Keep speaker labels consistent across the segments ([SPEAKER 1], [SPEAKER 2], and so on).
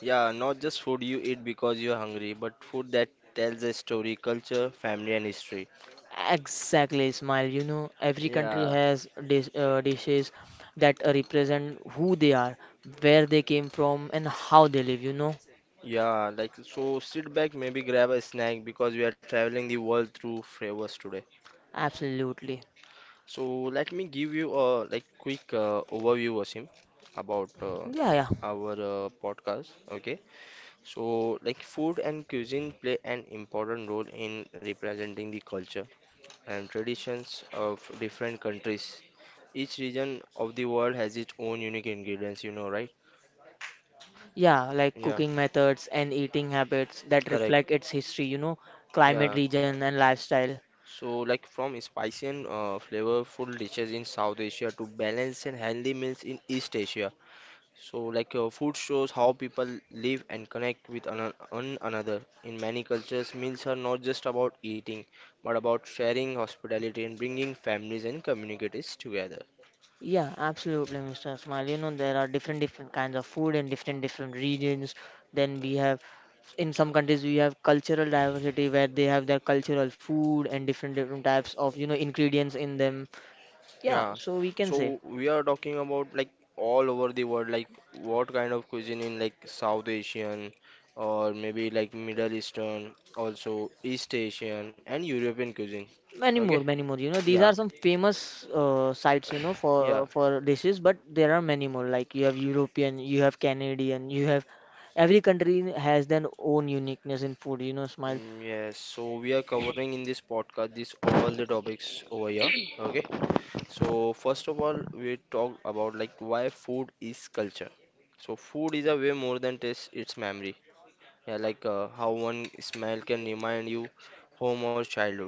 [SPEAKER 1] Yeah, not just food you eat because you are hungry, but food that tells a story, culture, family, and history.
[SPEAKER 2] Exactly, Smile. You know, every country
[SPEAKER 1] Yeah,
[SPEAKER 2] has dishes that represent who they are, where they came from, and how they live.
[SPEAKER 1] so sit back, maybe grab a snack because we are traveling the world through flavors today.
[SPEAKER 2] Absolutely.
[SPEAKER 1] So let me give you a like quick overview, Wasim, about
[SPEAKER 2] Yeah, yeah.
[SPEAKER 1] our podcast. Okay, so like food and cuisine play an important role in representing the culture and traditions of different countries. Each region of the world has its own unique ingredients, you know, right?
[SPEAKER 2] Yeah, like
[SPEAKER 1] Yeah,
[SPEAKER 2] cooking methods and eating habits that
[SPEAKER 1] correct.
[SPEAKER 2] reflect its history, climate,
[SPEAKER 1] Yeah.
[SPEAKER 2] region, and lifestyle.
[SPEAKER 1] So, like from spicy and flavorful dishes in South Asia to balanced and healthy meals in East Asia. So, like food shows how people live and connect with one another. In many cultures, meals are not just about eating, but about sharing hospitality and bringing families and communities together.
[SPEAKER 2] Yeah, absolutely, Mr. Ismail. You know, there are different different kinds of food in different different regions. Then we have, in some countries we have cultural diversity where they have their cultural food and different different types of ingredients in them, yeah,
[SPEAKER 1] Yeah,
[SPEAKER 2] so we can say
[SPEAKER 1] so we are talking about like all over the world, like what kind of cuisine in like South Asian or maybe like Middle Eastern, also East Asian and European cuisine.
[SPEAKER 2] many
[SPEAKER 1] Okay,
[SPEAKER 2] more many more these
[SPEAKER 1] yeah,
[SPEAKER 2] are some famous sites,
[SPEAKER 1] yeah,
[SPEAKER 2] for dishes, but there are many more. Like you have European, you have Canadian, you have every country has their own uniqueness in food, Smile.
[SPEAKER 1] mm, yes. So we are covering in this podcast this all the topics over here. Okay, so first of all, we talk about like why food is culture. So food is a way more than taste, it's memory. Yeah, like how one smell can remind you home or childhood.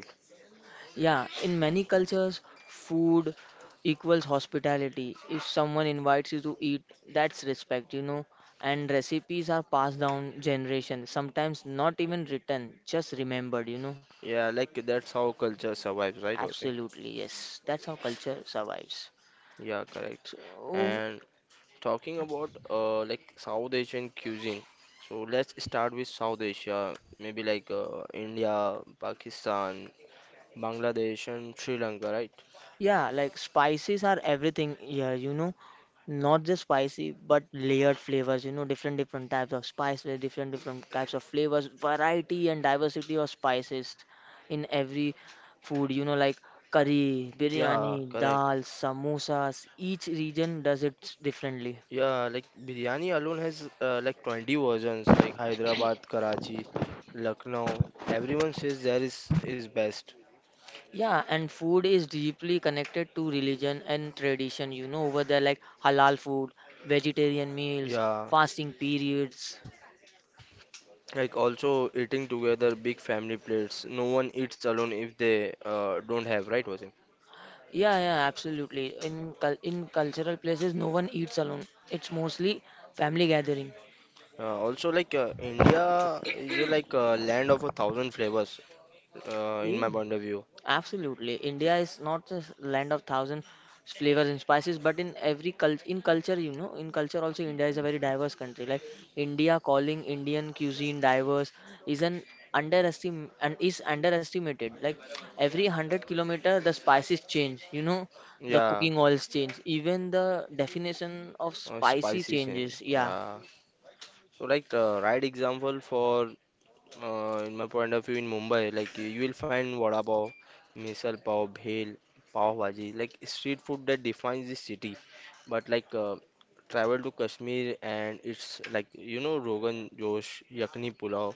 [SPEAKER 2] Yeah, in many cultures, food equals hospitality. If someone invites you to eat, that's respect. And recipes are passed down generation, sometimes not even written, just remembered.
[SPEAKER 1] Yeah, like that's how culture survives, right, Vasim?
[SPEAKER 2] Absolutely, yes. That's how culture survives.
[SPEAKER 1] Yeah, correct.
[SPEAKER 2] So,
[SPEAKER 1] And talking about like South Asian cuisine, so let's start with South Asia, maybe like India, Pakistan, Bangladesh, and Sri Lanka, right?
[SPEAKER 2] yeah, like spices are everything here, not just spicy, but layered flavors, different different types of spices, different different types of flavors, variety and diversity of spices in every food, like curry,
[SPEAKER 1] Yeah,
[SPEAKER 2] biryani,
[SPEAKER 1] correct.
[SPEAKER 2] dal, samosas, each region does it differently.
[SPEAKER 1] Yeah, like biryani alone has like 20 versions like Hyderabad, Karachi, Lucknow. Everyone says there is best.
[SPEAKER 2] Yeah, and food is deeply connected to religion and tradition, over there like halal food, vegetarian meals,
[SPEAKER 1] Yeah.
[SPEAKER 2] fasting periods.
[SPEAKER 1] Like also eating together big family plates. No one eats alone if they don't have, right, Wasim?
[SPEAKER 2] Yeah, yeah, absolutely. In cultural places, no one eats alone. It's mostly family gathering.
[SPEAKER 1] Also like India is like a land of a thousand flavors in
[SPEAKER 2] Yeah,
[SPEAKER 1] my point of view.
[SPEAKER 2] absolutely. India is not just land of thousand flavors and spices, but in every culture, in culture, in culture also India is a very diverse country. Like India calling Indian cuisine diverse is an is underestimated. Like every 100 kilometer, the spices change. You know, the
[SPEAKER 1] Yeah.
[SPEAKER 2] cooking oils change. Even the definition of spicy
[SPEAKER 1] Spicy change,
[SPEAKER 2] changes. Yeah.
[SPEAKER 1] yeah, so like the right example for in my point of view in Mumbai like you will find vada pav, misal pav, bhel pav bhaji, like street food that defines the city, but like travel to Kashmir and it's like you know Rogan Josh, Yakni Pulao,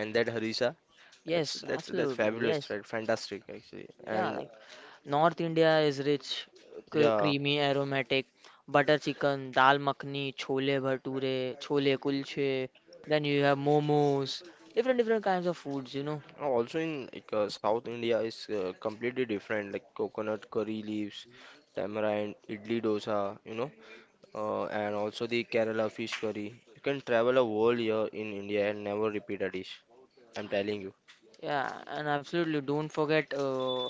[SPEAKER 1] and that harissa. that's
[SPEAKER 2] Yes,
[SPEAKER 1] that's that's
[SPEAKER 2] absolutely.
[SPEAKER 1] fabulous,
[SPEAKER 2] Yes.
[SPEAKER 1] right? Fantastic actually.
[SPEAKER 2] Yeah,
[SPEAKER 1] And
[SPEAKER 2] like North India is rich,
[SPEAKER 1] yeah.
[SPEAKER 2] creamy, aromatic, butter chicken, dal makhani, chole bhature, chole kulche. Then you have momos, different different kinds of foods, you know.
[SPEAKER 1] Also in like South India is completely different, like coconut, curry leaves, tamarind, idli, dosa, you know, and also the Kerala fish curry. You can travel a whole year in India and never repeat a dish. I'm telling you.
[SPEAKER 2] Yeah, and absolutely don't forget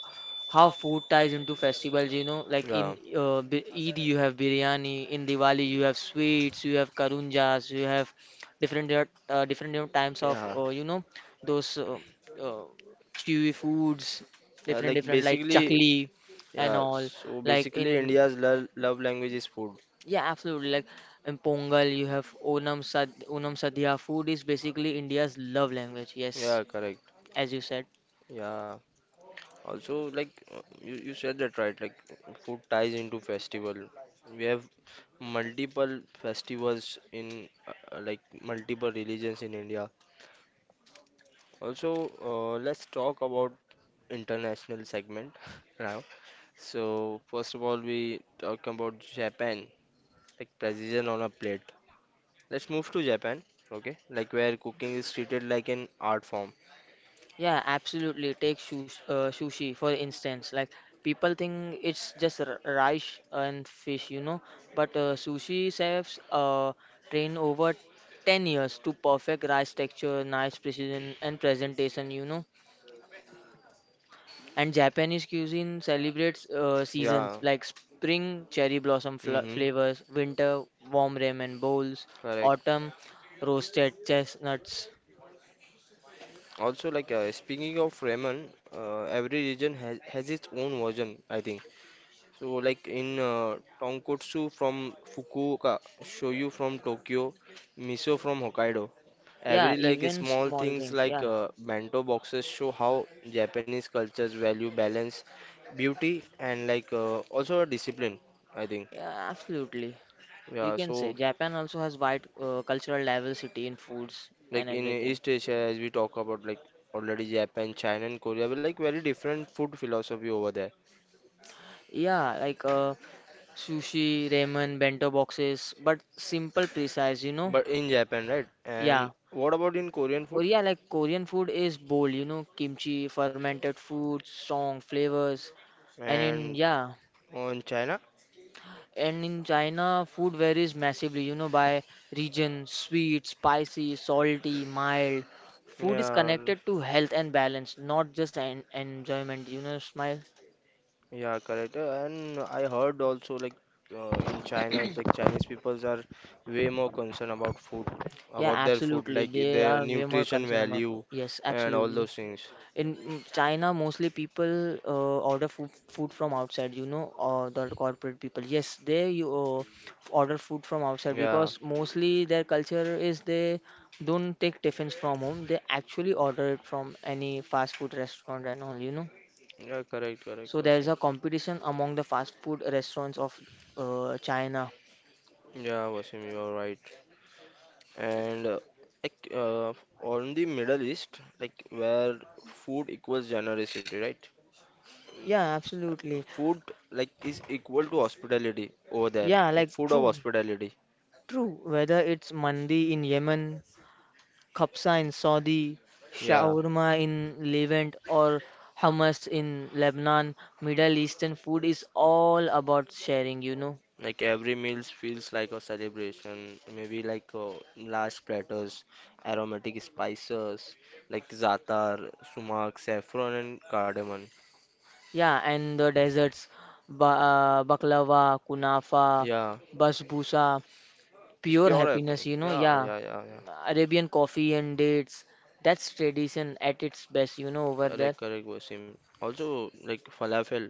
[SPEAKER 2] how food ties into festivals, like in
[SPEAKER 1] Yeah,
[SPEAKER 2] Eid you have biryani, in Diwali you have sweets, you have karunjas, you have different different types of
[SPEAKER 1] yeah,
[SPEAKER 2] those uh, chewy foods,
[SPEAKER 1] yeah.
[SPEAKER 2] different
[SPEAKER 1] Like
[SPEAKER 2] different like
[SPEAKER 1] basically,
[SPEAKER 2] chakli and
[SPEAKER 1] yeah.
[SPEAKER 2] all.
[SPEAKER 1] So
[SPEAKER 2] Like
[SPEAKER 1] basically,
[SPEAKER 2] in
[SPEAKER 1] India's lo love language is food.
[SPEAKER 2] Yeah, absolutely, like in Pongal you have Onam Sadhya. Food is basically India's love language. Yes,
[SPEAKER 1] Yeah, correct.
[SPEAKER 2] as you said.
[SPEAKER 1] Yeah. Also, like you said that right, like food ties into festival. We have multiple festivals in like multiple religions in India. Also, let's talk about international segment now. So first of all, we talk about Japan, like precision on a plate. Let's move to Japan, okay? Like where cooking is treated like an art form.
[SPEAKER 2] Yeah, absolutely. Take sushi, for instance. Like, people think it's just rice and fish, you know, but sushi chefs train over 10 years to perfect rice texture, nice precision, and presentation, you know. And Japanese cuisine celebrates
[SPEAKER 1] Yeah.
[SPEAKER 2] seasons like spring cherry blossom
[SPEAKER 1] Mm-hmm.
[SPEAKER 2] flavors, winter warm ramen bowls,
[SPEAKER 1] Correct.
[SPEAKER 2] autumn roasted chestnuts.
[SPEAKER 1] Also, like speaking of ramen, every region has its own version, I think. So, like in tonkotsu from Fukuoka, shoyu from Tokyo, miso from Hokkaido.
[SPEAKER 2] Yeah,
[SPEAKER 1] Every like
[SPEAKER 2] even
[SPEAKER 1] small
[SPEAKER 2] small
[SPEAKER 1] things
[SPEAKER 2] things.
[SPEAKER 1] like
[SPEAKER 2] Yeah,
[SPEAKER 1] bento boxes show how Japanese cultures value balance, beauty, and like also discipline, I think.
[SPEAKER 2] yeah, absolutely. You
[SPEAKER 1] Yeah,
[SPEAKER 2] can say
[SPEAKER 1] so
[SPEAKER 2] Japan also has wide cultural diversity in foods and
[SPEAKER 1] like in
[SPEAKER 2] everything.
[SPEAKER 1] East Asia, as we talk about like already Japan, China, and Korea, we like very different food philosophy over there.
[SPEAKER 2] Yeah, like sushi, ramen, bento boxes, but simple, precise, you know.
[SPEAKER 1] But in Japan, right?
[SPEAKER 2] Yeah.
[SPEAKER 1] And what about in Korean food?
[SPEAKER 2] Korea, like Korean food is bold, you know, kimchi, fermented food, strong flavors. And in,
[SPEAKER 1] And
[SPEAKER 2] yeah,
[SPEAKER 1] on China?
[SPEAKER 2] and in China, food varies massively, you know, by region, sweet, spicy, salty, mild. Food is
[SPEAKER 1] Yeah.
[SPEAKER 2] connected to health and balance, not just en enjoyment, you know, Smile.
[SPEAKER 1] Yeah, correct. And I heard also like in China, like Chinese peoples are way more concerned about food,
[SPEAKER 2] Yeah,
[SPEAKER 1] about their food,
[SPEAKER 2] absolutely.
[SPEAKER 1] like
[SPEAKER 2] They
[SPEAKER 1] their
[SPEAKER 2] are way more
[SPEAKER 1] nutrition
[SPEAKER 2] concerned about.
[SPEAKER 1] value
[SPEAKER 2] Yes,
[SPEAKER 1] and all those
[SPEAKER 2] absolutely.
[SPEAKER 1] things.
[SPEAKER 2] In China, mostly people order food from outside. You know, the corporate people. Yes, they you order food from outside
[SPEAKER 1] Yeah,
[SPEAKER 2] because mostly their culture is they don't take tiffins from home. They actually order it from any fast food restaurant and all. You know,
[SPEAKER 1] yeah, correct, correct,
[SPEAKER 2] so there
[SPEAKER 1] Wasim.
[SPEAKER 2] is a competition among the fast food restaurants of China.
[SPEAKER 1] Yeah, Wasim, you are right. And like on the Middle East, like where food equals generosity, right?
[SPEAKER 2] Yeah, absolutely.
[SPEAKER 1] Food like is equal to hospitality over there,
[SPEAKER 2] Yeah,
[SPEAKER 1] like
[SPEAKER 2] like
[SPEAKER 1] food of
[SPEAKER 2] true.
[SPEAKER 1] hospitality.
[SPEAKER 2] True, whether it's mandi in Yemen, khabsa in Saudi,
[SPEAKER 1] Yeah.
[SPEAKER 2] shawarma in Levant, or hummus in Lebanon, Middle Eastern food is all about sharing, you know.
[SPEAKER 1] Like every meal feels like a celebration. Maybe like large platters, aromatic spices like za'atar, sumac, saffron, and cardamom.
[SPEAKER 2] Yeah, and the desserts, ba baklava, kunafa,
[SPEAKER 1] Yeah,
[SPEAKER 2] basbousa,
[SPEAKER 1] it's
[SPEAKER 2] pure
[SPEAKER 1] pure apple.
[SPEAKER 2] happiness, you know.
[SPEAKER 1] Yeah,
[SPEAKER 2] Yeah,
[SPEAKER 1] yeah, yeah, yeah.
[SPEAKER 2] Arabian coffee and dates, that's tradition at its best, you know, over there.
[SPEAKER 1] Correct, correct, Wasim. Also, like falafel,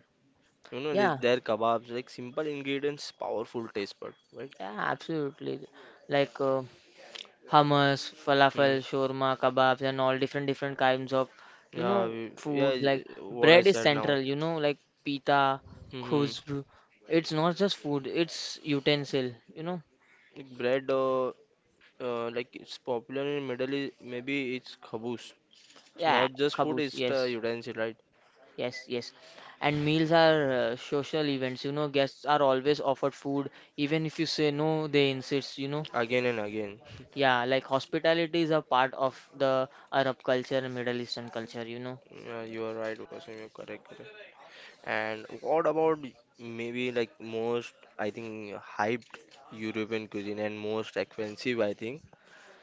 [SPEAKER 1] you know, they,
[SPEAKER 2] Yeah,
[SPEAKER 1] their kebabs, like simple ingredients, powerful taste bud, right?
[SPEAKER 2] yeah, absolutely. Like hummus, falafel,
[SPEAKER 1] Hmm.
[SPEAKER 2] shawarma, kebabs, and all different different kinds of
[SPEAKER 1] Yeah, we- yeah,
[SPEAKER 2] food. Like
[SPEAKER 1] is- what I
[SPEAKER 2] bread is
[SPEAKER 1] said now.
[SPEAKER 2] central. You know, like pita,
[SPEAKER 1] Hmm.
[SPEAKER 2] khusb. It's not just food. It's utensil. You know.
[SPEAKER 1] Like bread, like it's popular in Middle East. Maybe it's khabus. It's correct, not
[SPEAKER 2] Yeah,
[SPEAKER 1] Correct. Just food; kabus,
[SPEAKER 2] kabus.
[SPEAKER 1] it's the, yes,
[SPEAKER 2] Yes,
[SPEAKER 1] utensil, right?
[SPEAKER 2] yes, yes. And meals are social events. You know, guests are always offered food, even if you say no, they insist. You know.
[SPEAKER 1] Again and again.
[SPEAKER 2] Yeah, like hospitality is a part of the Arab culture and Middle Eastern culture. You know.
[SPEAKER 1] Yeah, you are right, Wasim. You're correct, correct. And what about maybe like most, I think, hyped European cuisine and most expensive, I think.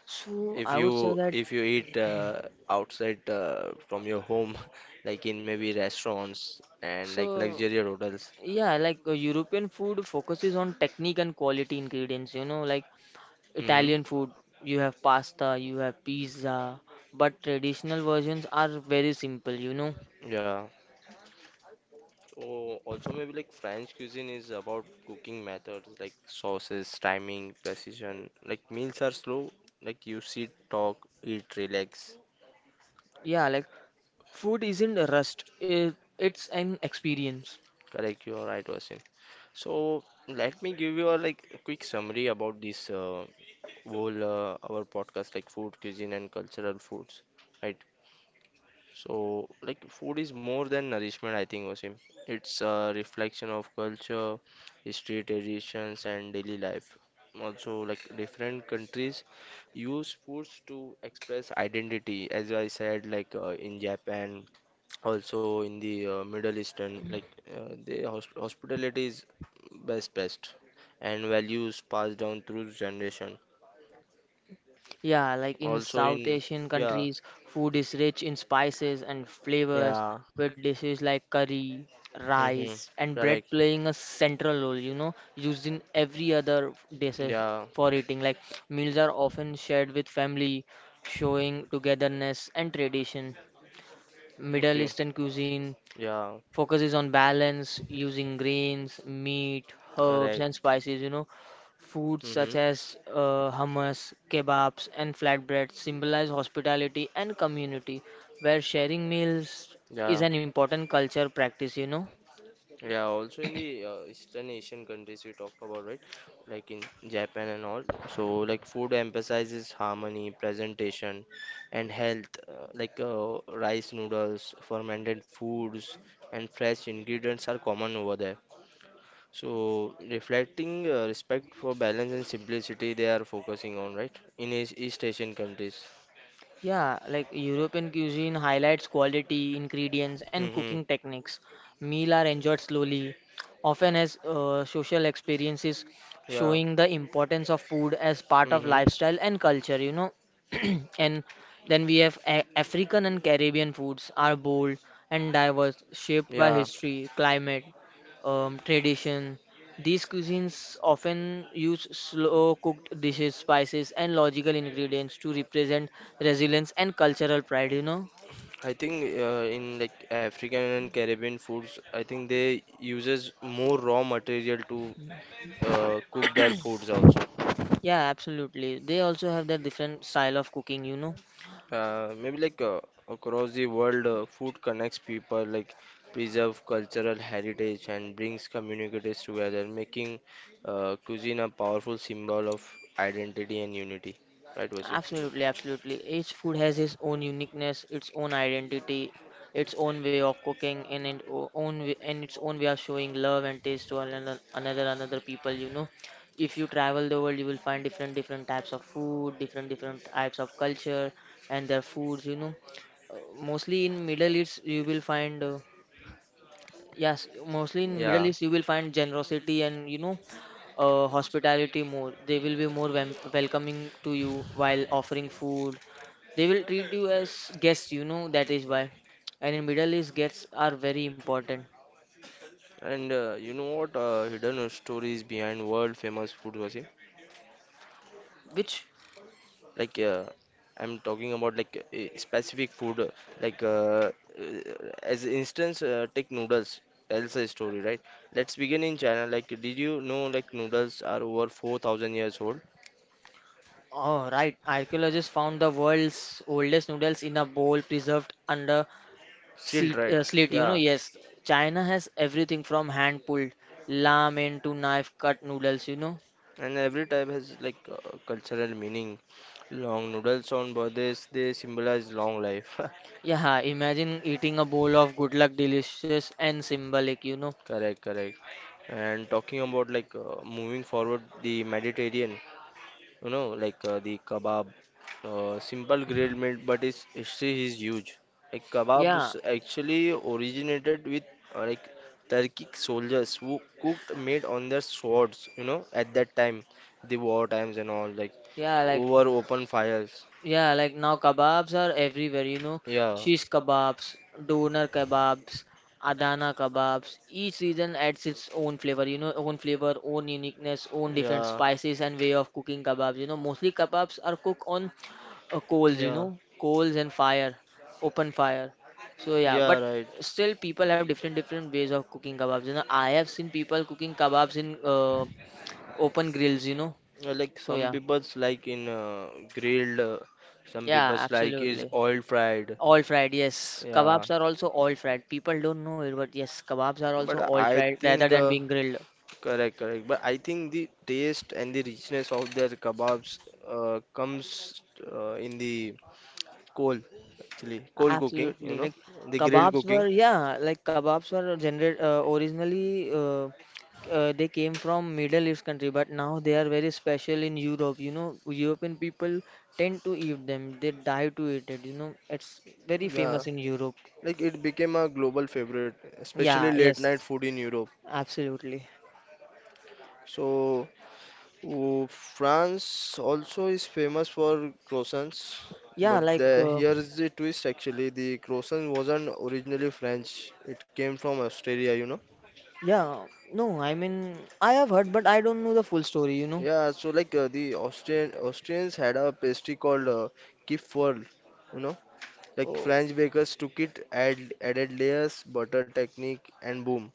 [SPEAKER 2] So
[SPEAKER 1] If
[SPEAKER 2] I would say
[SPEAKER 1] you
[SPEAKER 2] that.
[SPEAKER 1] if you eat outside from your home, like in maybe restaurants and like
[SPEAKER 2] So
[SPEAKER 1] luxurious hotels.
[SPEAKER 2] Yeah, like European food focuses on technique and quality ingredients. You know, like Italian
[SPEAKER 1] Mm-hmm.
[SPEAKER 2] food, you have pasta, you have pizza, but traditional versions are very simple, you know.
[SPEAKER 1] Yeah. Oh, also maybe like French cuisine is about cooking methods like sauces, timing, precision. Like meals are slow. Like you sit, talk, eat, relax.
[SPEAKER 2] Yeah, like food isn't a rust, it's an experience.
[SPEAKER 1] Correct, you are right, Wasim. So let me give you a like a quick summary about this whole our podcast like food, cuisine, and cultural foods, right? So, like, food is more than nourishment, I think, Wasim. It's a reflection of culture, history, traditions, and daily life. Also, like, different countries use foods to express identity, as I said, like, in Japan, also in the Middle Eastern, like, the hospitality is best, best, and values passed down through generation.
[SPEAKER 2] Yeah, like in South Asian countries, food is rich in spices and flavors, with dishes like curry, rice, and bread playing a central role, you know, used in every other dishes for eating. Like meals are often shared with family, showing togetherness and tradition. Middle Eastern cuisine
[SPEAKER 1] Yeah.
[SPEAKER 2] focuses on balance using grains, meat, herbs, and spices. You know, foods
[SPEAKER 1] Hmm.
[SPEAKER 2] such as hummus, kebabs, and flatbreads symbolize hospitality and community, where sharing meals is
[SPEAKER 1] Yeah.
[SPEAKER 2] an important culture practice. You know.
[SPEAKER 1] Yeah, also in the Eastern Asian countries we talked about, right? Like in Japan and all. So, like, food emphasizes harmony, presentation, and health. Like, rice, noodles, fermented foods, and fresh ingredients are common over there. So reflecting respect for balance and simplicity they are focusing on, right? In East, East Asian countries.
[SPEAKER 2] Yeah, like European cuisine highlights quality, ingredients, and
[SPEAKER 1] Hmm.
[SPEAKER 2] cooking techniques. Meals are enjoyed slowly, often as social experiences,
[SPEAKER 1] Yeah.
[SPEAKER 2] showing the importance of food as part of
[SPEAKER 1] Hmm.
[SPEAKER 2] lifestyle and culture, you know. And then we have African and Caribbean foods are bold and diverse, shaped by
[SPEAKER 1] Yeah.
[SPEAKER 2] history, climate, tradition, these cuisines often use slow cooked dishes, spices, and logical ingredients to represent resilience and cultural pride, you know?
[SPEAKER 1] I think in like African and Caribbean foods, I think they uses more raw material to cook their foods also.
[SPEAKER 2] Yeah, absolutely. They also have their different style of cooking, you know?
[SPEAKER 1] Maybe like across the world, food connects people, like preserve cultural heritage and brings communities together, making cuisine a powerful symbol of identity and unity. Right, Vasu?
[SPEAKER 2] Absolutely, absolutely. Each food has its own uniqueness, its own identity, its own way of cooking, and its own way, and its own way of showing love and taste to another, another, another people. You know, if you travel the world, you will find different, different types of food, different, different types of culture and their foods. You know, Uh, mostly in Middle East, you will find Yes, mostly in Middle East you will find generosity and hospitality more. They will be more welcoming to you while offering food. They will treat you as guests, you know, that is why. And in Middle East, guests are very important.
[SPEAKER 1] And you know what? Hidden stories behind world famous food was
[SPEAKER 2] Which,
[SPEAKER 1] like I'm talking about like a specific food like uh, as instance, take noodles tells a story, right? Let's begin in China. Like did you know like noodles are over 4,000 years old?
[SPEAKER 2] oh right, archaeologists found the world's oldest noodles in a bowl preserved under
[SPEAKER 1] Still,
[SPEAKER 2] seat,
[SPEAKER 1] right?
[SPEAKER 2] slit, you know,
[SPEAKER 1] Yeah,
[SPEAKER 2] yes. China has everything from hand pulled ramen to knife cut noodles, you know.
[SPEAKER 1] and every type has like cultural meaning. Long noodles on birthdays, they symbolize long life.
[SPEAKER 2] Yeah, imagine eating a bowl of good luck delicious and symbolic, you know.
[SPEAKER 1] Correct, correct. And talking about like moving forward, the Mediterranean, you know, like the kebab, simple grilled meat, but its history is huge. Like
[SPEAKER 2] Yeah,
[SPEAKER 1] kebabs actually originated with like Turkic soldiers who cooked meat on their swords, you know, at that time, the war times and all, like
[SPEAKER 2] yeah, like
[SPEAKER 1] over open fires.
[SPEAKER 2] Yeah, like now kebabs are everywhere, you know.
[SPEAKER 1] Yeah.
[SPEAKER 2] Shish kebabs, doner kebabs, Adana kebabs. Each region adds its own flavor, you know, own flavor, own uniqueness, own different
[SPEAKER 1] Yeah.
[SPEAKER 2] spices and way of cooking kebabs. You know, mostly kebabs are cooked on coals, you
[SPEAKER 1] Yeah.
[SPEAKER 2] know, coals and fire, open fire. So yeah, but
[SPEAKER 1] Yeah, right.
[SPEAKER 2] still people have different different ways of cooking kebabs. You know, I have seen people cooking kebabs in open grills, you know.
[SPEAKER 1] Like
[SPEAKER 2] So
[SPEAKER 1] some
[SPEAKER 2] yeah,
[SPEAKER 1] people's like in grilled, some
[SPEAKER 2] yeah,
[SPEAKER 1] people's like is
[SPEAKER 2] absolutely.
[SPEAKER 1] oil fried.
[SPEAKER 2] All fried, yes.
[SPEAKER 1] Yeah.
[SPEAKER 2] Kebabs are also all fried. People don't know it, but yes, kebabs are
[SPEAKER 1] But
[SPEAKER 2] also all
[SPEAKER 1] I
[SPEAKER 2] fried rather
[SPEAKER 1] think
[SPEAKER 2] than being grilled.
[SPEAKER 1] correct, correct. But I think the taste and the richness of their kebabs comes in the coal, actually coal cooking, you
[SPEAKER 2] Absolutely.
[SPEAKER 1] know,
[SPEAKER 2] Like
[SPEAKER 1] the grilled
[SPEAKER 2] kebabs
[SPEAKER 1] cooking.
[SPEAKER 2] were, yeah, like kebabs were generated originally, they came from Middle East country, but now they are very special in Europe. You know, European people tend to eat them. They die to eat it. You know, it's very
[SPEAKER 1] Yeah,
[SPEAKER 2] famous in Europe.
[SPEAKER 1] like it became a global favorite,
[SPEAKER 2] Yeah,
[SPEAKER 1] especially late
[SPEAKER 2] yes,
[SPEAKER 1] night food in Europe.
[SPEAKER 2] absolutely.
[SPEAKER 1] So oh, France also is famous for croissants,
[SPEAKER 2] Yeah,
[SPEAKER 1] but
[SPEAKER 2] like
[SPEAKER 1] the,
[SPEAKER 2] uh,
[SPEAKER 1] here is the twist, actually the croissant wasn't originally French, it came from Australia, you know.
[SPEAKER 2] Yeah, no, I mean, I have heard, but I don't know the full story, you know.
[SPEAKER 1] Yeah, so like the Austrians had a pastry called kipferl, you know. Like
[SPEAKER 2] Oh,
[SPEAKER 1] French bakers took it, added layers, butter technique, and boom,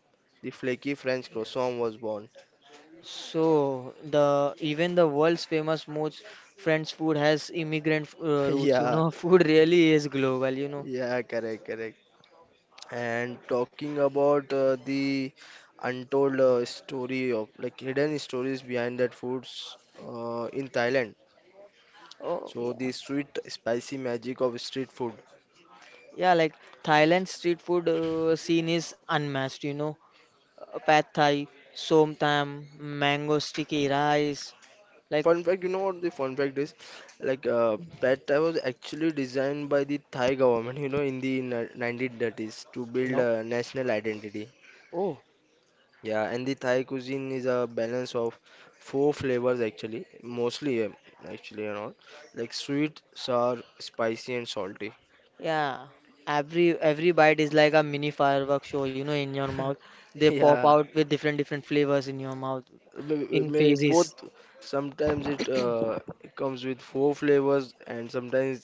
[SPEAKER 1] the flaky French croissant was born.
[SPEAKER 2] So the even the world's famous most French food has immigrant roots, you
[SPEAKER 1] Yeah,
[SPEAKER 2] know. Food really is global, you know.
[SPEAKER 1] yeah, correct, correct. And talking about the untold story of like hidden stories behind that foods in Thailand.
[SPEAKER 2] Oh,
[SPEAKER 1] So
[SPEAKER 2] yeah.
[SPEAKER 1] the sweet, spicy magic of street food.
[SPEAKER 2] Yeah, like Thailand street food scene is unmatched, you know. Pad Thai, Som Tam, mango sticky rice, like
[SPEAKER 1] Fun fact, you know what the fun fact is? Like, Pad Thai was actually designed by the Thai government, you know, in the 1930s to build
[SPEAKER 2] no.
[SPEAKER 1] a national identity.
[SPEAKER 2] Oh.
[SPEAKER 1] Yeah, and the Thai cuisine is a balance of four flavors actually, mostly actually and all, like sweet, sour, spicy, and salty.
[SPEAKER 2] Yeah, every bite is like a mini firework show, you know, in your mouth. They pop
[SPEAKER 1] Yeah,
[SPEAKER 2] out with different different flavors in your mouth in
[SPEAKER 1] may both.
[SPEAKER 2] phases.
[SPEAKER 1] Sometimes it comes with four flavors, and sometimes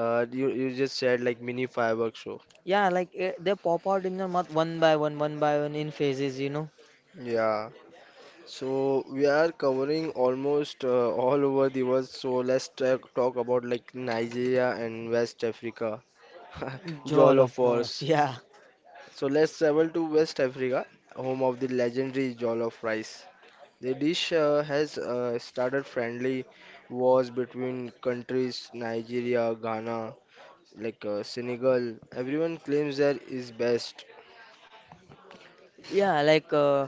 [SPEAKER 1] you just said like mini fireworks show.
[SPEAKER 2] Yeah, like they pop out in your mouth one by one in phases, you know.
[SPEAKER 1] Yeah. So we are covering almost all over the world. So let's talk about like Nigeria and West Africa.
[SPEAKER 2] Jollof,
[SPEAKER 1] Jollof Wars.
[SPEAKER 2] yeah.
[SPEAKER 1] So let's travel to West Africa, home of the legendary Jollof rice. The dish has started friendly wars between countries Nigeria, Ghana, like Senegal. Everyone claims that is best.
[SPEAKER 2] Yeah, like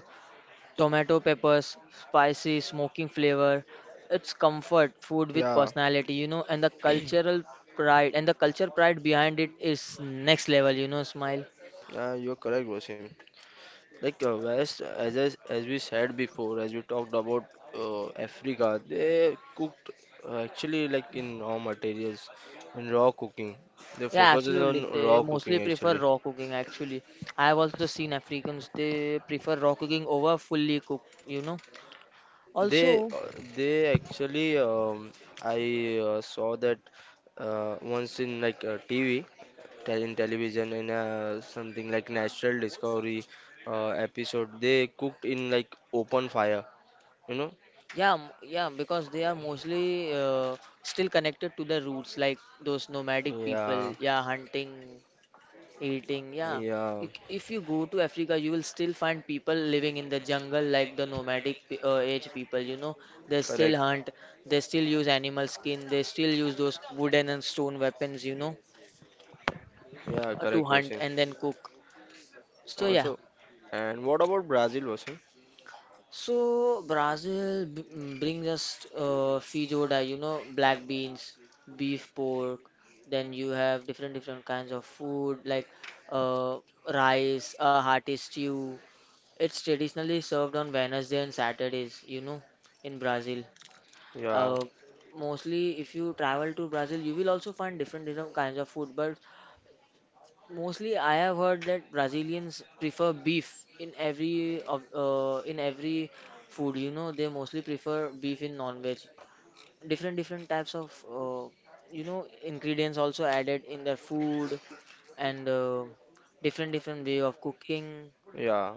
[SPEAKER 2] tomato peppers, spicy, smoking flavor. It's comfort food with
[SPEAKER 1] Yeah.
[SPEAKER 2] personality, you know, and the cultural pride and the culture pride behind it is next level, you know, Smile.
[SPEAKER 1] Yeah, you're correct, Wasim. Like West, as I, as we said before, as we talked about Africa, they cooked actually like in raw materials, in raw cooking. They, yeah,
[SPEAKER 2] Yeah,
[SPEAKER 1] focus is
[SPEAKER 2] absolutely.
[SPEAKER 1] on
[SPEAKER 2] They
[SPEAKER 1] raw
[SPEAKER 2] mostly
[SPEAKER 1] cooking
[SPEAKER 2] prefer
[SPEAKER 1] actually.
[SPEAKER 2] raw cooking actually. I have also seen Africans they prefer raw cooking over fully cooked, you know.
[SPEAKER 1] They
[SPEAKER 2] Also,
[SPEAKER 1] uh, they actually I saw that once in like TV. In television in something like National Discovery episode. They cooked in like open fire, you know?
[SPEAKER 2] yeah, yeah, because they are mostly still connected to the roots, like those nomadic people,
[SPEAKER 1] Yeah,
[SPEAKER 2] yeah, hunting, eating, yeah.
[SPEAKER 1] yeah,
[SPEAKER 2] If you go to Africa, you will still find people living in the jungle like the age people, you know. They still
[SPEAKER 1] correct.
[SPEAKER 2] hunt, they still use animal skin, they still use those wooden and stone weapons, you know
[SPEAKER 1] Yeah,
[SPEAKER 2] to
[SPEAKER 1] correct
[SPEAKER 2] hunt
[SPEAKER 1] question.
[SPEAKER 2] and then cook. So yeah,
[SPEAKER 1] Also, and what about Brazil, Wasim?
[SPEAKER 2] so Brazil brings us feijoada, you know, black beans, beef, pork. Then you have different different kinds of food like uh, rice, a hearty stew. It's traditionally served on Wednesday and Saturdays, you know, in Brazil.
[SPEAKER 1] Yeah,
[SPEAKER 2] Uh, mostly, if you travel to Brazil, you will also find different different kinds of food, but mostly, I have heard that Brazilians prefer beef in every of in every food. You know, they mostly prefer beef in non-veg. Different different types of you know ingredients also added in their food and different different way of cooking.
[SPEAKER 1] yeah.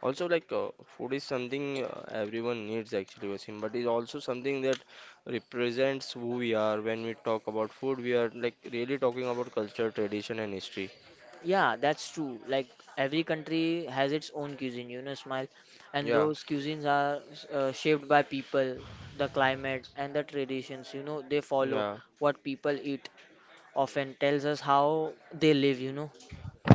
[SPEAKER 1] Also, like food is something everyone needs actually, Wasim, but it's also something that represents who we are. When we talk about food, we are like really talking about culture, tradition, and history.
[SPEAKER 2] Yeah, that's true. Like every country has its own cuisine. You know, smile, and
[SPEAKER 1] Yeah,
[SPEAKER 2] those cuisines are shaped by people, the climate, and the traditions. You know, they follow
[SPEAKER 1] yeah.
[SPEAKER 2] what people eat often tells us how they live, you know.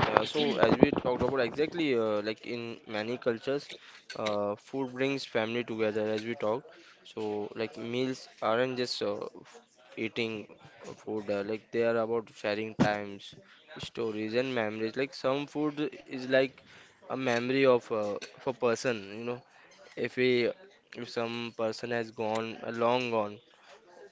[SPEAKER 1] Yeah, so as we talked about exactly, like in many cultures, food brings family together as we talked. So like meals aren't just eating food, like they are about sharing times, stories and memories. Like some food is like a memory of a person, you know. If we if some person has gone long gone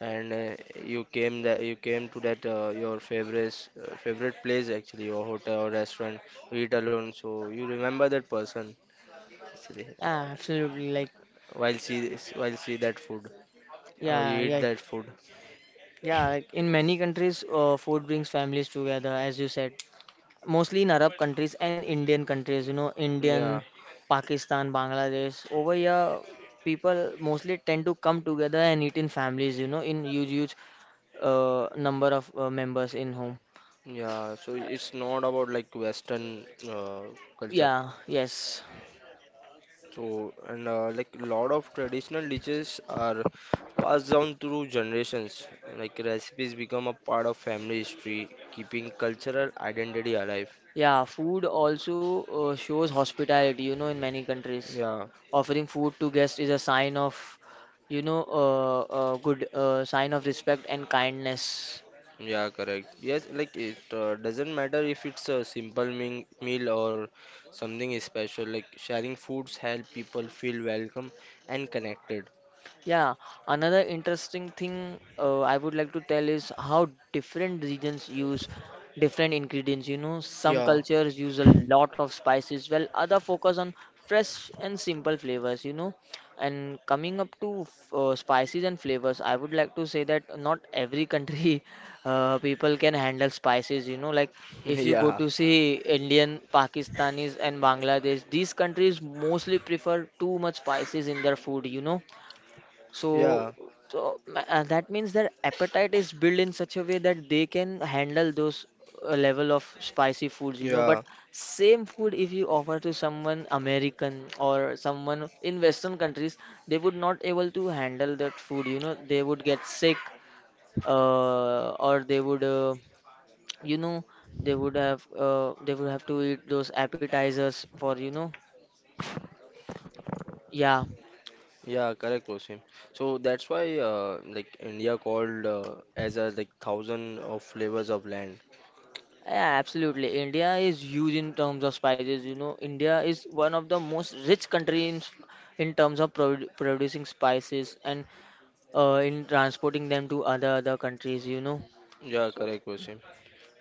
[SPEAKER 1] and you came to that your favorite place actually or hotel or restaurant, you eat alone so you remember that person actually
[SPEAKER 2] Yeah, absolutely. Like,
[SPEAKER 1] while see that food or
[SPEAKER 2] yeah,
[SPEAKER 1] you eat
[SPEAKER 2] yeah,
[SPEAKER 1] that food.
[SPEAKER 2] yeah. Like in many countries, food brings families together, as you said. Mostly in Arab countries and Indian countries. You know, Indian,
[SPEAKER 1] Yeah,
[SPEAKER 2] Pakistan, Bangladesh. Over here, people mostly tend to come together and eat in families. You know, in huge, huge number of members in home.
[SPEAKER 1] yeah, so it's not about like western culture.
[SPEAKER 2] Yeah. Yes.
[SPEAKER 1] So, and like lot of traditional dishes are passed down through generations. Like recipes become a part of family history, keeping cultural identity alive.
[SPEAKER 2] Yeah. Food also shows hospitality. You know, in many countries.
[SPEAKER 1] Yeah,
[SPEAKER 2] Offering food to guests is a sign of, you know, good sign of respect and kindness.
[SPEAKER 1] yeah, correct. Yes, like it doesn't matter if it's a simple meal or something special. Like sharing foods help people feel welcome and connected.
[SPEAKER 2] Yeah, another interesting thing I would like to tell is how different regions use different ingredients. You know, some
[SPEAKER 1] Yeah,
[SPEAKER 2] cultures use a lot of spices, while other focus on fresh and simple flavors. You know, and coming up to spices and flavors, I would like to say that not every country people can handle spices. You know, like if you go
[SPEAKER 1] yeah,
[SPEAKER 2] to see Indian, Pakistanis, and Bangladesh, these countries mostly prefer too much spices in their food. You know so,
[SPEAKER 1] yeah.
[SPEAKER 2] so that means their appetite is built in such a way that they can handle those level of spicy foods, you know. But
[SPEAKER 1] Yeah,
[SPEAKER 2] same food, if you offer to someone American or someone in Western countries, they would not able to handle that food, you know. They would get sick, or they would, you know, they would have, they would have to eat those appetizers for, you know, yeah,
[SPEAKER 1] yeah, correct, Wasim. So that's why, like India called as a like thousand of flavors of land.
[SPEAKER 2] yeah, absolutely. India is huge in terms of spices. You know, India is one of the most rich country in terms of producing spices and in transporting them to other other countries. You know.
[SPEAKER 1] Yeah, correct, Wasim.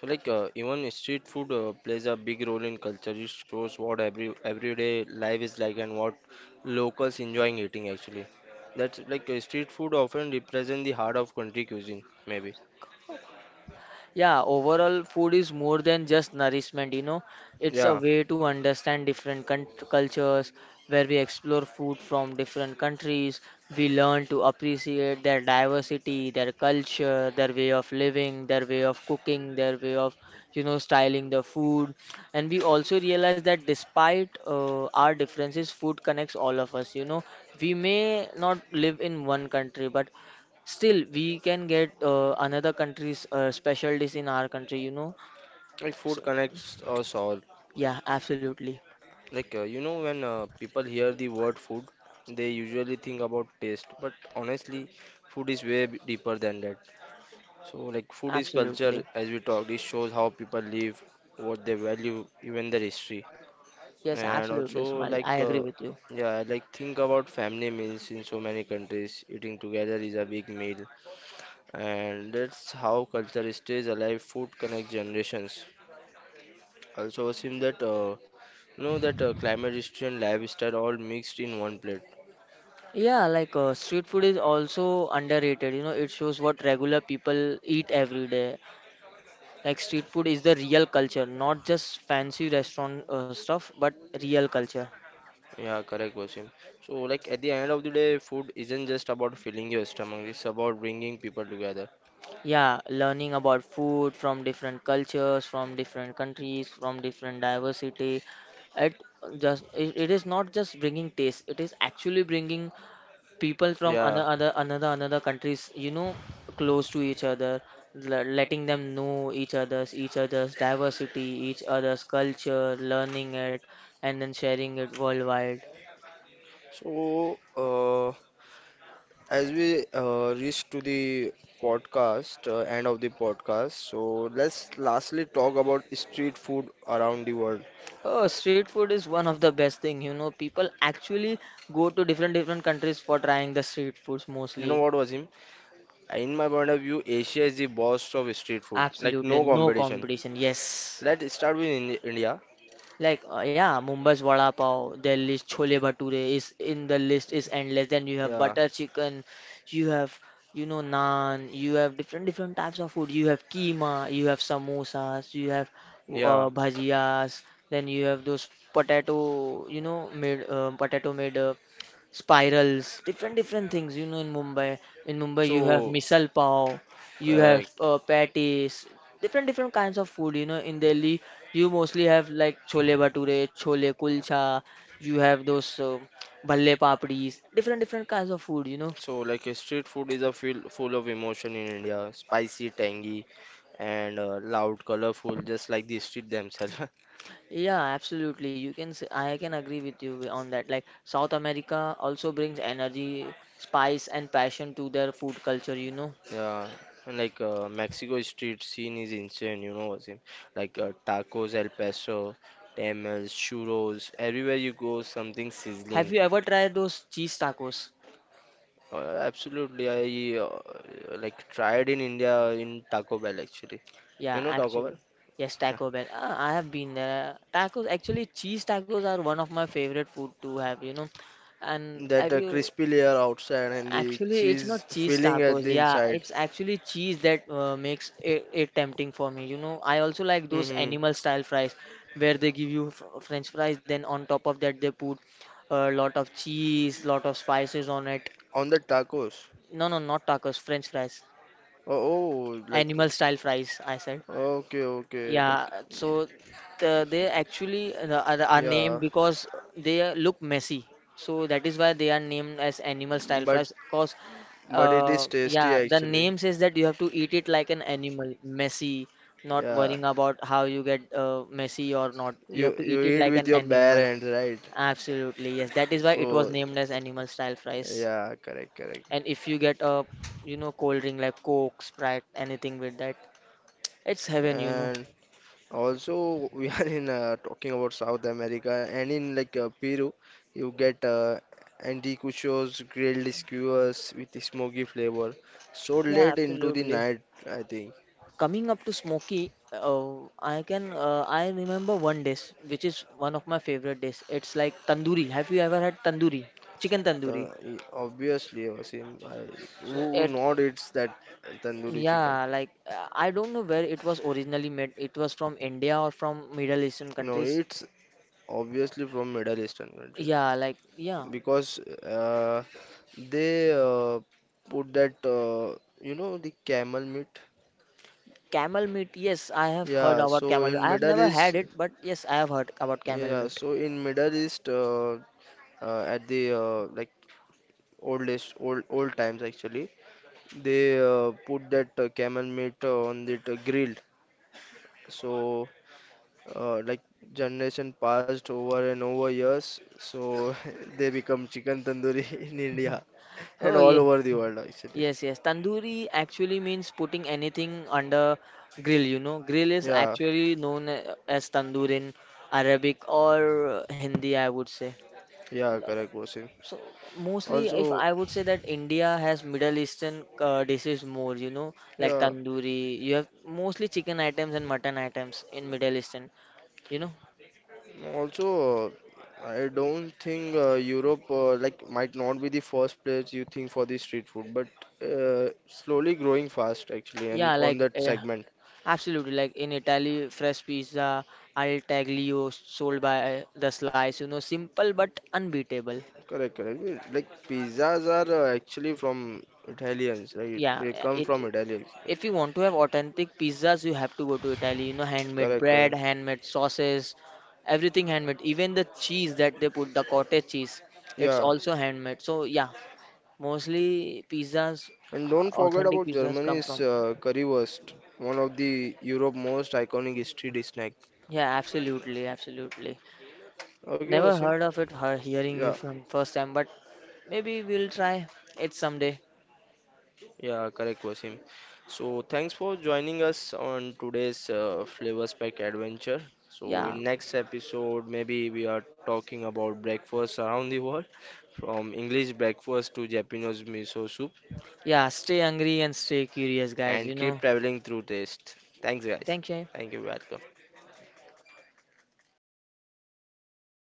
[SPEAKER 1] So like even street food plays a big role in culture. It shows what everyday life is like and what locals enjoying eating actually. That's like street food often represent the heart of country cuisine, maybe.
[SPEAKER 2] Yeah, overall, food is more than just nourishment, you know. It's a
[SPEAKER 1] Yeah.
[SPEAKER 2] way to understand different cultures where we explore food from different countries. We learn to appreciate their diversity, their culture, their way of living, their way of cooking, their way of, you know, styling the food. And we also realize that despite our differences, food connects all of us, you know. We may not live in one country, but still, we can get another country's special in our country, you know.
[SPEAKER 1] Like food
[SPEAKER 2] So,
[SPEAKER 1] connects us all.
[SPEAKER 2] yeah, absolutely.
[SPEAKER 1] Like, you know, when people hear the word food, they usually think about taste, but honestly, food is way deeper than that. So, like, food is culture,
[SPEAKER 2] Absolutely.
[SPEAKER 1] as we talked, it shows how people live, what they value, even their history.
[SPEAKER 2] Yes,
[SPEAKER 1] And
[SPEAKER 2] absolutely,
[SPEAKER 1] also,
[SPEAKER 2] Smile.
[SPEAKER 1] like,
[SPEAKER 2] I agree with you.
[SPEAKER 1] yeah, I like, think about family meals in so many countries. Eating together is a big meal, and that's how culture stays alive. Food connects generations. Also, I've seen that you know that climate history and lifestyle all mixed in one plate.
[SPEAKER 2] Yeah, like street food is also underrated. You know, it shows what regular people eat every day. Like street food is the real culture, not just fancy restaurant stuff, but real culture.
[SPEAKER 1] Yeah, correct, Wasim. So, like at the end of the day, food isn't just about filling your stomach; it's about bringing people together.
[SPEAKER 2] Yeah, learning about food from different cultures, from different countries, from different diversity. It it is not just bringing taste. It is actually bringing people from
[SPEAKER 1] Yeah.
[SPEAKER 2] another another countries. You know, close to each other, letting them know each other's diversity, each other's culture, learning it, and then sharing it worldwide.
[SPEAKER 1] So, as we reach to the podcast, end of the podcast, so let's lastly talk about street food around the world.
[SPEAKER 2] Oh, street food is one of the best thing, you know. People actually go to different different countries for trying the street foods
[SPEAKER 1] You know
[SPEAKER 2] mostly.
[SPEAKER 1] what, Wasim? In my point of view, Asia is the boss of street food. Like
[SPEAKER 2] Absolutely,
[SPEAKER 1] no
[SPEAKER 2] no
[SPEAKER 1] competition.
[SPEAKER 2] competition. Yes.
[SPEAKER 1] Let's start with India.
[SPEAKER 2] Like yeah, Mumbai's vada pav, Delhi's chole bhature is in the list is endless. Then you have
[SPEAKER 1] Yeah,
[SPEAKER 2] butter chicken, you have you know naan, you have different different types of food. You have keema, you have samosas, you have
[SPEAKER 1] yeah.
[SPEAKER 2] bhajias. Then you have those potato made spirals, different different things. You know, in Mumbai you have
[SPEAKER 1] So
[SPEAKER 2] misal pav, you have
[SPEAKER 1] correct.
[SPEAKER 2] patties, different different kinds of food. You know, in Delhi you mostly have like chole bhature, chole kulcha. You have those bhalle papdis, different different kinds of food. You know.
[SPEAKER 1] So like a street food is a feel full of emotion in India. Spicy, tangy, and loud, colorful, just like the street themselves.
[SPEAKER 2] Yeah, absolutely. I can agree with you on that. Like South America also brings energy, spice, and passion to their food culture. You know.
[SPEAKER 1] Yeah, and like Mexico street scene is insane, you know, Wasim. Like tacos, El Paso, tamales, churros, everywhere you go, something
[SPEAKER 2] Have
[SPEAKER 1] sizzling.
[SPEAKER 2] you ever tried those cheese tacos?
[SPEAKER 1] Absolutely, I like tried in India in Taco Bell actually.
[SPEAKER 2] Yeah,
[SPEAKER 1] You know Taco
[SPEAKER 2] actually.
[SPEAKER 1] Bell?
[SPEAKER 2] Yes, Taco Bell. Ah, I have been there. Tacos, actually, cheese tacos are one of my favorite food to have, you know. And
[SPEAKER 1] That
[SPEAKER 2] have you?
[SPEAKER 1] crispy layer outside and the
[SPEAKER 2] Actually, it's
[SPEAKER 1] cheese
[SPEAKER 2] not cheese
[SPEAKER 1] filling at
[SPEAKER 2] tacos.
[SPEAKER 1] the
[SPEAKER 2] Yeah,
[SPEAKER 1] inside.
[SPEAKER 2] it's actually cheese that makes it tempting for me. You know, I also like those
[SPEAKER 1] Hmm.
[SPEAKER 2] animal style fries where they give you f French fries, then on top of that they put a lot of cheese, lot of spices on it.
[SPEAKER 1] On the tacos.
[SPEAKER 2] No, no, not tacos, French fries.
[SPEAKER 1] Oh, oh like.
[SPEAKER 2] Animal style fries, I said.
[SPEAKER 1] Okay, okay. Like,
[SPEAKER 2] Yeah, so they
[SPEAKER 1] if-
[SPEAKER 2] actually are named
[SPEAKER 1] yeah.
[SPEAKER 2] because they look messy. So that is why they are named as animal style
[SPEAKER 1] But
[SPEAKER 2] fries. Because,
[SPEAKER 1] it is tasty
[SPEAKER 2] yeah, the
[SPEAKER 1] actually.
[SPEAKER 2] name says that you have to eat it like an animal, messy, not
[SPEAKER 1] Yeah.
[SPEAKER 2] worrying about how you get messy or not. You have
[SPEAKER 1] You
[SPEAKER 2] to
[SPEAKER 1] you
[SPEAKER 2] eat it
[SPEAKER 1] eat
[SPEAKER 2] like
[SPEAKER 1] with
[SPEAKER 2] an
[SPEAKER 1] your bare
[SPEAKER 2] animal.
[SPEAKER 1] hands, right?
[SPEAKER 2] Absolutely, yes. That is why it was
[SPEAKER 1] So
[SPEAKER 2] named as animal style fries.
[SPEAKER 1] yeah, correct, correct.
[SPEAKER 2] And if you get a, you know, cold drink like Coke, Sprite, anything with that, it's heaven, you know.
[SPEAKER 1] And also we are in talking about South America and in like Peru, you get anticuchos, grilled skewers with the smoky flavor. So
[SPEAKER 2] Yeah,
[SPEAKER 1] late into the
[SPEAKER 2] absolutely.
[SPEAKER 1] night, I think.
[SPEAKER 2] Coming up to smoky, I remember one dish which is one of my favorite dish. It's like tandoori. Have you ever had tandoori? Chicken tandoori.
[SPEAKER 1] Obviously, Wasim, I,
[SPEAKER 2] So
[SPEAKER 1] who
[SPEAKER 2] it,
[SPEAKER 1] not eats that tandoori chicken?
[SPEAKER 2] yeah, like I don't know where it was originally made. It was from India or from Middle Eastern
[SPEAKER 1] No,
[SPEAKER 2] countries.
[SPEAKER 1] it's obviously from Middle Eastern country
[SPEAKER 2] Yeah, like yeah,
[SPEAKER 1] because they put that you know the camel meat.
[SPEAKER 2] camel meat. Yes, I have heard
[SPEAKER 1] Yeah,
[SPEAKER 2] about
[SPEAKER 1] so
[SPEAKER 2] camel.
[SPEAKER 1] in
[SPEAKER 2] I have
[SPEAKER 1] Middle
[SPEAKER 2] never
[SPEAKER 1] East,
[SPEAKER 2] had it, but yes, I have heard about camel
[SPEAKER 1] yeah,
[SPEAKER 2] meat.
[SPEAKER 1] so in Middle East at the like oldest old times actually they put that camel meat on the grilled. So like generation passed over and over years, so they become chicken tandoori in India and
[SPEAKER 2] Oh
[SPEAKER 1] all
[SPEAKER 2] yeah.
[SPEAKER 1] over the world actually.
[SPEAKER 2] Yes, yes. Tandoori actually means putting anything under grill, you know. Grill is
[SPEAKER 1] Yeah,
[SPEAKER 2] actually known as tandoor in Arabic or Hindi, I would say.
[SPEAKER 1] yeah, correct, Wasim.
[SPEAKER 2] So mostly if
[SPEAKER 1] Also,
[SPEAKER 2] I would say that India has Middle Eastern dishes more, you know, like
[SPEAKER 1] yeah,
[SPEAKER 2] tandoori. You have mostly chicken items and mutton items in Middle Eastern, you know.
[SPEAKER 1] also. I don't think Europe like might not be the first place you think for the street food, but slowly growing fast actually, and
[SPEAKER 2] Yeah,
[SPEAKER 1] on
[SPEAKER 2] like
[SPEAKER 1] that segment.
[SPEAKER 2] absolutely. Like in Italy, fresh pizza al taglio sold by the slice. You know, simple but unbeatable.
[SPEAKER 1] Correct, correct. Eh, like pizzas are actually from Italians, right?
[SPEAKER 2] Yeah,
[SPEAKER 1] They
[SPEAKER 2] eh,
[SPEAKER 1] come from
[SPEAKER 2] it.
[SPEAKER 1] Italy. Actually.
[SPEAKER 2] If you want to have authentic pizzas, you have to go to Italy. You know, handmade
[SPEAKER 1] Correct,
[SPEAKER 2] bread,
[SPEAKER 1] correct.
[SPEAKER 2] handmade sauces, everything handmade. Even the cheese that they put, the cottage cheese, it's
[SPEAKER 1] Yeah,
[SPEAKER 2] also handmade. So yeah, mostly pizzas,
[SPEAKER 1] and don't forget
[SPEAKER 2] authentic
[SPEAKER 1] about
[SPEAKER 2] pizzas come
[SPEAKER 1] Germany's
[SPEAKER 2] from.
[SPEAKER 1] currywurst, one of the Europe most iconic street snack.
[SPEAKER 2] Yeah, absolutely, absolutely.
[SPEAKER 1] Okay,
[SPEAKER 2] Never
[SPEAKER 1] Wasim.
[SPEAKER 2] heard of it, her hearing you
[SPEAKER 1] Yeah,
[SPEAKER 2] from first time, but maybe we'll try it someday.
[SPEAKER 1] yeah, correct, Wasim. So, thanks for joining us on today's Flavor Spec adventure. So,
[SPEAKER 2] Yeah.
[SPEAKER 1] in next episode, maybe we are talking about breakfast around the world, from English breakfast to Japanese miso soup,
[SPEAKER 2] Yeah, stay hungry and stay curious, guys,
[SPEAKER 1] and
[SPEAKER 2] you
[SPEAKER 1] keep
[SPEAKER 2] know.
[SPEAKER 1] traveling through taste. Thanks, guys.
[SPEAKER 2] Thank you.
[SPEAKER 1] Thank you, welcome.